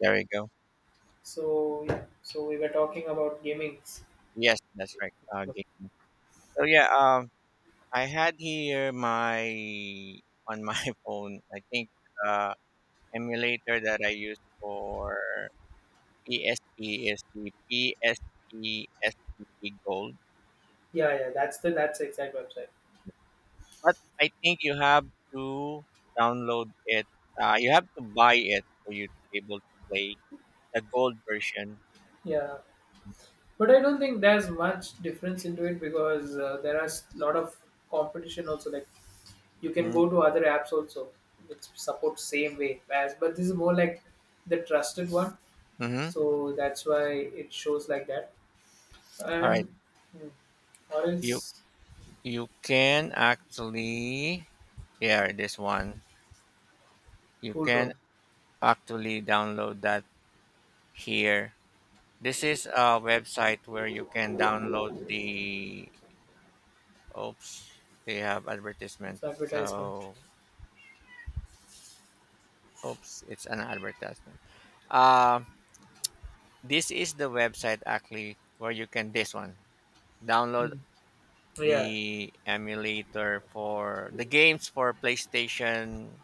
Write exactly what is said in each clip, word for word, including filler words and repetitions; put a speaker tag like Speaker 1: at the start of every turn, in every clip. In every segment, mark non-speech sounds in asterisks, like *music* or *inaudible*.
Speaker 1: There we go.
Speaker 2: So yeah, so we were talking about gamings.
Speaker 1: Yes, that's right. Uh, gaming. So yeah, um, I had here my on my *laughs* phone. I think uh, emulator that I use for P S P is the P S P Gold,
Speaker 2: Yeah, yeah, that's the that's the exact website.
Speaker 1: but I think you have to download it. Uh, you have to buy it for you to be able to play the gold version.
Speaker 2: Yeah, but I don't think there's much difference into it because uh, there are a lot of competition also. Like you can go to other apps also which support same way as, but this is more like the trusted one.
Speaker 1: Mm-hmm.
Speaker 2: So that's why it shows like that.
Speaker 1: All right,
Speaker 2: And hmm, or
Speaker 1: you
Speaker 2: else
Speaker 1: you can actually, here, this one you
Speaker 2: cool room.
Speaker 1: can actually download that here. This is a website where you can download the. Oops, they have advertisement.
Speaker 2: It's advertisement.
Speaker 1: So, oops, it's an advertisement. Uh, this is the website actually where you can, this one, download
Speaker 2: Mm. Yeah.
Speaker 1: the emulator for the games for PlayStation.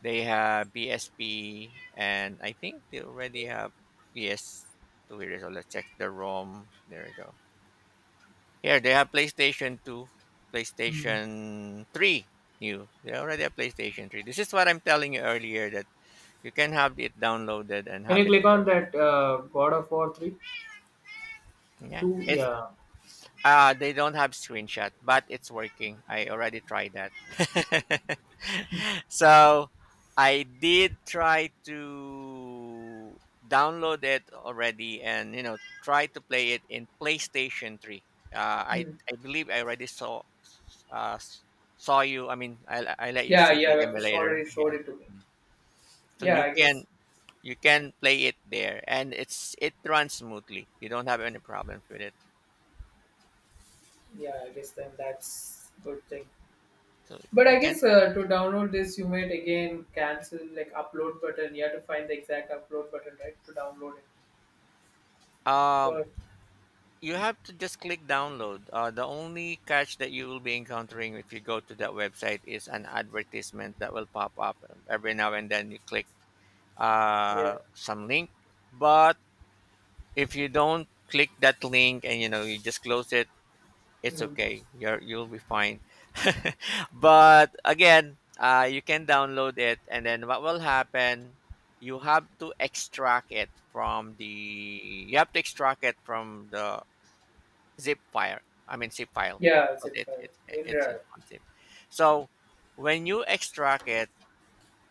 Speaker 1: They have P S P, and I think they already have P S two. Here, so let's check the ROM. There we go. Here they have PlayStation two,
Speaker 2: Hmm.
Speaker 1: PlayStation three new. They already have PlayStation three. This is what I'm telling you earlier that you can have it downloaded and
Speaker 2: Can you
Speaker 1: have it
Speaker 2: click on that uh, God of War three?
Speaker 1: play. Yeah.
Speaker 2: Two,
Speaker 1: It
Speaker 2: yeah.
Speaker 1: Uh, they don't have screenshot, but it's working. I already tried that. *laughs* So I did try to download it already and you know try to play it in PlayStation three. Uh, I
Speaker 2: Hmm.
Speaker 1: I believe I already saw uh, s- saw you. I mean, I I let you
Speaker 2: Yeah,
Speaker 1: see the
Speaker 2: yeah, sh-
Speaker 1: emulator.
Speaker 2: already showed
Speaker 1: Yeah,
Speaker 2: it to me.
Speaker 1: so
Speaker 2: Yeah,
Speaker 1: you
Speaker 2: I guess.
Speaker 1: can you can play it there, and it's it runs smoothly. You don't have any problems with it.
Speaker 2: Yeah, I guess then that's good thing.
Speaker 1: So
Speaker 2: But
Speaker 1: you
Speaker 2: I
Speaker 1: can.
Speaker 2: guess uh, to download this, you might again cancel like upload button. You have to find the exact upload button right to download it.
Speaker 1: Um,
Speaker 2: So
Speaker 1: You have to just click download. Uh, the only catch that you will be encountering if you go to that website is an advertisement that will pop up every now and then. You click
Speaker 2: yeah.
Speaker 1: uh, some link, but if you don't click that link and you know you just close it, it's
Speaker 2: Hmm.
Speaker 1: okay. You're you'll be fine. *laughs* But again, uh, you can download it, and then what will happen? You have to extract it from the. You have to extract it from the zip file. I mean zip file
Speaker 2: Yeah,
Speaker 1: because
Speaker 2: zip
Speaker 1: it,
Speaker 2: file,
Speaker 1: it it's an
Speaker 2: WinRAR.
Speaker 1: on zip. So when you extract it,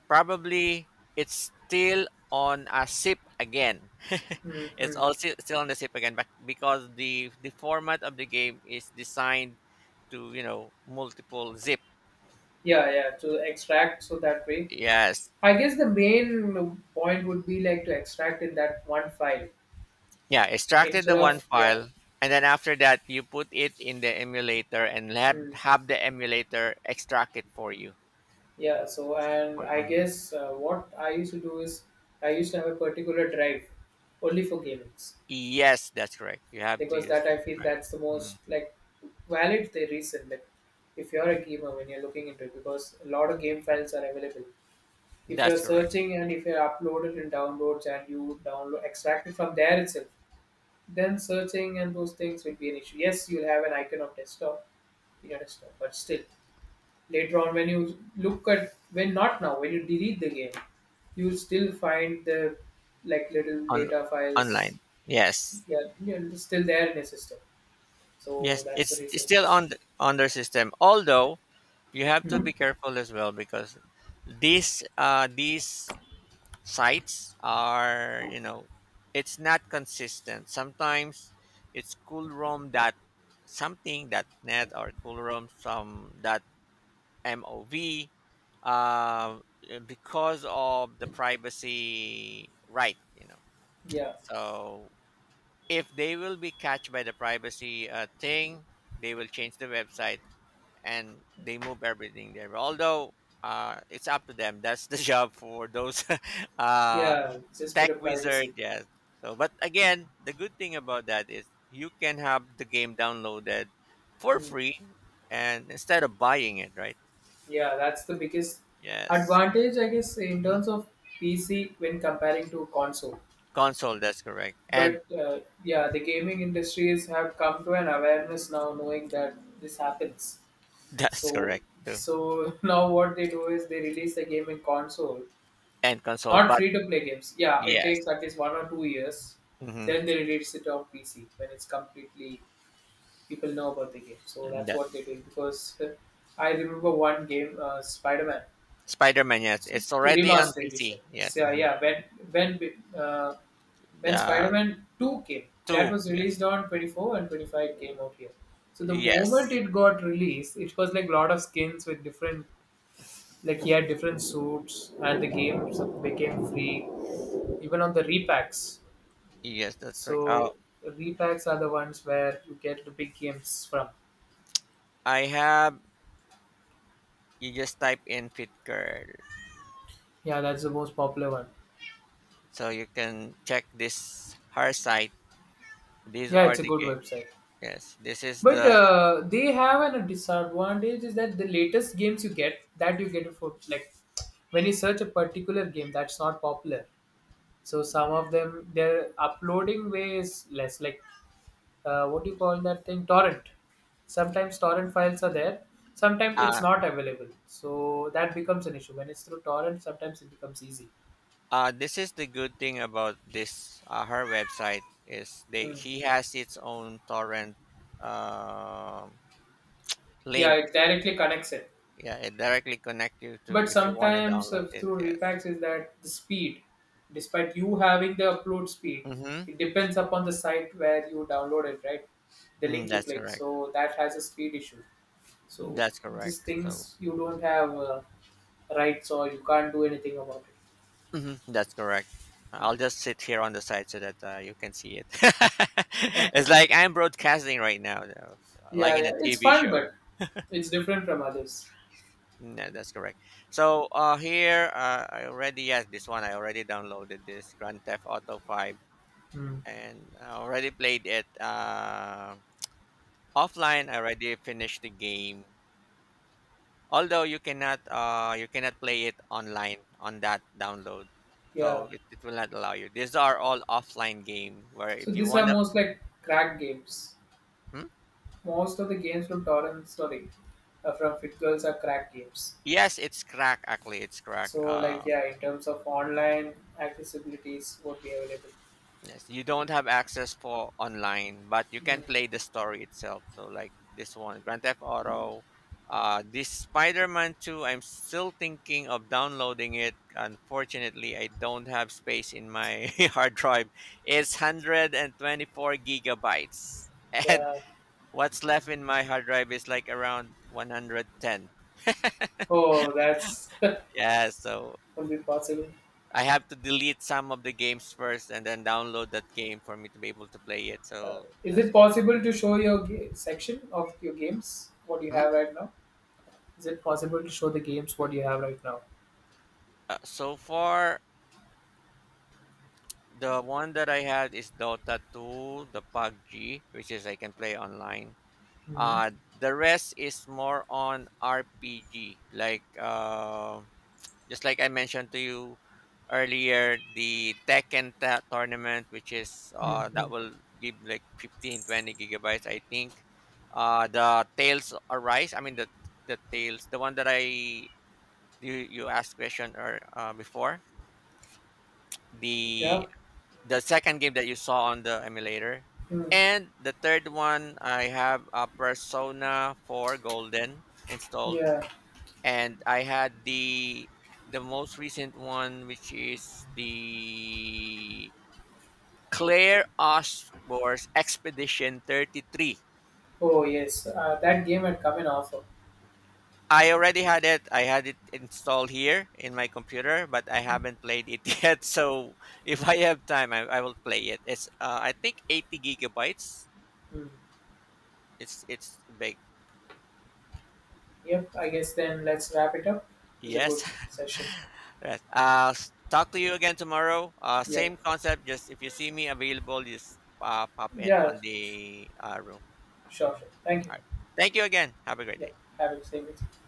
Speaker 1: probably it's still on a zip again. *laughs* It's
Speaker 2: Mm-hmm.
Speaker 1: also still on the zip again, but because the the format of the game is designed to you know multiple zip.
Speaker 2: Yeah, yeah, to extract so that way.
Speaker 1: Yes,
Speaker 2: I guess the main point would be like to extract in that one file
Speaker 1: yeah, extracted
Speaker 2: instead
Speaker 1: the one
Speaker 2: of yeah.
Speaker 1: file. And then after that, you put it in the emulator and have,
Speaker 2: Hmm.
Speaker 1: have the emulator extract it for you.
Speaker 2: Yeah, so and
Speaker 1: For,
Speaker 2: I
Speaker 1: mhm.
Speaker 2: guess uh, what I used to do is I used to have a particular drive only for gamings
Speaker 1: Yes, that's correct. You have to
Speaker 2: because
Speaker 1: use
Speaker 2: that I feel
Speaker 1: Stripe.
Speaker 2: that's the
Speaker 1: Mm,
Speaker 2: most like valid the reason like if you're a gamer when you're looking into it because a lot of game files are available. If you're
Speaker 1: That's correct.
Speaker 2: searching and if you're uploaded in downloads and you download extract it from there itself, then searching and those things will be an issue. Yes, you'll have an icon of desktop in your desktop, but still later on when you look at when not now when you delete the game you'll still find the like little
Speaker 1: On
Speaker 2: data files,
Speaker 1: Online. Yes.
Speaker 2: yeah, yeah, it's still there in your system, so
Speaker 1: Yes,
Speaker 2: that's the
Speaker 1: it's, it's
Speaker 2: reason.
Speaker 1: still on the, on their system. Although you have to
Speaker 2: Mhm.
Speaker 1: be careful as well because these uh these sites are, you know, it's not consistent. Sometimes it's coolrom dot something dot net or coolrom some M O V uh, because of the privacy right, you know.
Speaker 2: Yeah,
Speaker 1: So if they will be catched by the privacy uh, thing, they will change the website and they move everything there. Although uh, it's up to them. That's the *laughs* job for those *laughs* uh,
Speaker 2: yeah, just bit
Speaker 1: tech
Speaker 2: of
Speaker 1: wizard.
Speaker 2: privacy.
Speaker 1: Yes. So, but again, the good thing about that is you can have the game downloaded for
Speaker 2: Mm.
Speaker 1: free and instead of buying it, right?
Speaker 2: Yeah, that's the biggest
Speaker 1: Yes.
Speaker 2: advantage I guess in terms of PC when comparing to console,
Speaker 1: Console, that's correct. And
Speaker 2: but uh, yeah, the gaming industries have come to an awareness now knowing that this happens.
Speaker 1: *laughs*
Speaker 2: So
Speaker 1: that's correct too.
Speaker 2: so *laughs* now what they do is they release the game in console,
Speaker 1: And console,
Speaker 2: not
Speaker 1: but
Speaker 2: free to play games. Yeah, it
Speaker 1: yes.
Speaker 2: takes at least one or two years.
Speaker 1: Hmm,
Speaker 2: Then they release it on P C when it's completely people know about the game. So that's
Speaker 1: that
Speaker 2: what they do because *laughs* uh, I remember one game, uh, Spider Man
Speaker 1: Spider-Man, yes, it's already on
Speaker 2: Remastered Edition.
Speaker 1: PC. Yes.
Speaker 2: So uh,
Speaker 1: Hmm.
Speaker 2: yeah, when when uh, when
Speaker 1: The
Speaker 2: Spider-Man two came, that
Speaker 1: two,
Speaker 2: was
Speaker 1: yes.
Speaker 2: released on twenty-four and twenty-five came out here. So the moment
Speaker 1: Yes.
Speaker 2: it got released, it was like a lot of skins with different, like he had different suits and the games
Speaker 1: Mhm.
Speaker 2: became free even on the repacks.
Speaker 1: Yes, that's correct.
Speaker 2: So
Speaker 1: Oh,
Speaker 2: repacks are the ones where you get the big games from.
Speaker 1: I have, you just type in Fit Girl,
Speaker 2: Yeah, that's the most popular one.
Speaker 1: so you can check this, her site. These
Speaker 2: Yeah,
Speaker 1: are
Speaker 2: it's a
Speaker 1: the
Speaker 2: good
Speaker 1: game.
Speaker 2: website,
Speaker 1: Yes, this is
Speaker 2: but
Speaker 1: the
Speaker 2: uh, they have an, a disadvantage is that the latest games you get that you get it for like when you search a particular game that's not popular, so some of them their uploading way is less, like uh, what do you call that thing, torrent. Sometimes torrent files are there, sometimes it's
Speaker 1: uh
Speaker 2: not available, so that becomes an issue. When it's through torrent, sometimes it becomes easy.
Speaker 1: Uh, this is the good thing about this uh, her website is they
Speaker 2: Hmm.
Speaker 1: he has its own torrent um
Speaker 2: Yeah,
Speaker 1: link.
Speaker 2: it directly connects it.
Speaker 1: Yeah, it directly connect you
Speaker 2: But
Speaker 1: to if you want to
Speaker 2: sometimes uh,
Speaker 1: download it.
Speaker 2: through
Speaker 1: Yes.
Speaker 2: repacks is that the speed, despite you having the upload speed,
Speaker 1: Mm-hmm.
Speaker 2: it depends upon the site where you download it, right? The
Speaker 1: Mm,
Speaker 2: link you
Speaker 1: that's
Speaker 2: click,
Speaker 1: correct.
Speaker 2: so that has a speed issue. So
Speaker 1: That's correct.
Speaker 2: these
Speaker 1: So,
Speaker 2: things you don't have uh, rights or you can't do anything about it.
Speaker 1: mhm, that's correct.
Speaker 2: Hmm.
Speaker 1: I'll just sit here on the side so that uh, you can see it. *laughs* It's like I'm broadcasting right now, though, like
Speaker 2: Yeah,
Speaker 1: in
Speaker 2: yeah.
Speaker 1: a
Speaker 2: It's
Speaker 1: T V
Speaker 2: fun,
Speaker 1: show.
Speaker 2: but it's different from others.
Speaker 1: No, that's correct. So uh, here, uh, I already yes, this one I already downloaded this Grand Theft Auto Five,
Speaker 2: Mm.
Speaker 1: and I already played it uh, offline. I already finished the game, although you cannot uh, you cannot play it online on that download,
Speaker 2: Yeah.
Speaker 1: so it, it will not allow you. These are all offline game where
Speaker 2: So
Speaker 1: if you
Speaker 2: these are
Speaker 1: wanna,
Speaker 2: most like crack games.
Speaker 1: hmm?
Speaker 2: Most of the games from Torrent, sorry, uh, from FitGirls are crack games.
Speaker 1: Yes, it's crack, actually. It's crack.
Speaker 2: So like
Speaker 1: Uh,
Speaker 2: yeah, in terms of online accessibilities, would be available.
Speaker 1: Yes, you don't have access for online, but you
Speaker 2: Mm.
Speaker 1: can play the story itself. So like this one, Grand Theft Auto, uh, this Spider-Man two, I'm still thinking of downloading it. Unfortunately, I don't have space in my *laughs* hard drive. It's one hundred twenty-four gigabytes. *laughs* And
Speaker 2: Yeah.
Speaker 1: what's left in my hard drive is like around one hundred ten.
Speaker 2: Oh, that's *laughs*
Speaker 1: Yeah, so
Speaker 2: would be possible.
Speaker 1: I have to delete some of the games first and then download that game for me to be able to play it.
Speaker 2: Uh,
Speaker 1: So
Speaker 2: is
Speaker 1: that's
Speaker 2: it
Speaker 1: why.
Speaker 2: possible to show your ga- section of your games? What you have right now? Is it possible to show the games what you have right now?
Speaker 1: Uh, so far, the one that I had is Dota two, the PUBG, which is I can play online.
Speaker 2: Mm.
Speaker 1: Uh, the rest is more on R P G, like uh, just like I mentioned to you earlier, the Tekken ta- tournament, which is
Speaker 2: Mm.
Speaker 1: uh, that
Speaker 2: Mm.
Speaker 1: will give like fifteen twenty gigabytes, I think. Uh, the Tales Arise, I mean the the Tales, the one that I you, you asked question or uh, before
Speaker 2: Yeah.
Speaker 1: the the second game that you saw on the emulator.
Speaker 2: Hmm.
Speaker 1: And the third one, I have a Persona four Golden installed,
Speaker 2: Yeah.
Speaker 1: and I had the the most recent one, which is the Claire Osborne's Expedition thirty-three.
Speaker 2: Oh yes. Uh, that game had come in offer.
Speaker 1: I already had it. I had it installed here in my computer, but I haven't played it *laughs* yet. So if I have time, I, I will play it. It's uh, I think eighty gigabytes.
Speaker 2: Hmm.
Speaker 1: It's it's big.
Speaker 2: Yep. I guess then let's wrap it up. It was a
Speaker 1: Yes.
Speaker 2: good session.
Speaker 1: *laughs* Yes. Uh, s- talk to you again tomorrow. Uh,
Speaker 2: Yep.
Speaker 1: same concept. Just if you see me available, just uh, pop in
Speaker 2: Yeah.
Speaker 1: on the uh, room.
Speaker 2: Sure, sure. Thank you.
Speaker 1: All right. Thank you again. Have a great
Speaker 2: Yep.
Speaker 1: day.
Speaker 2: Have a good day.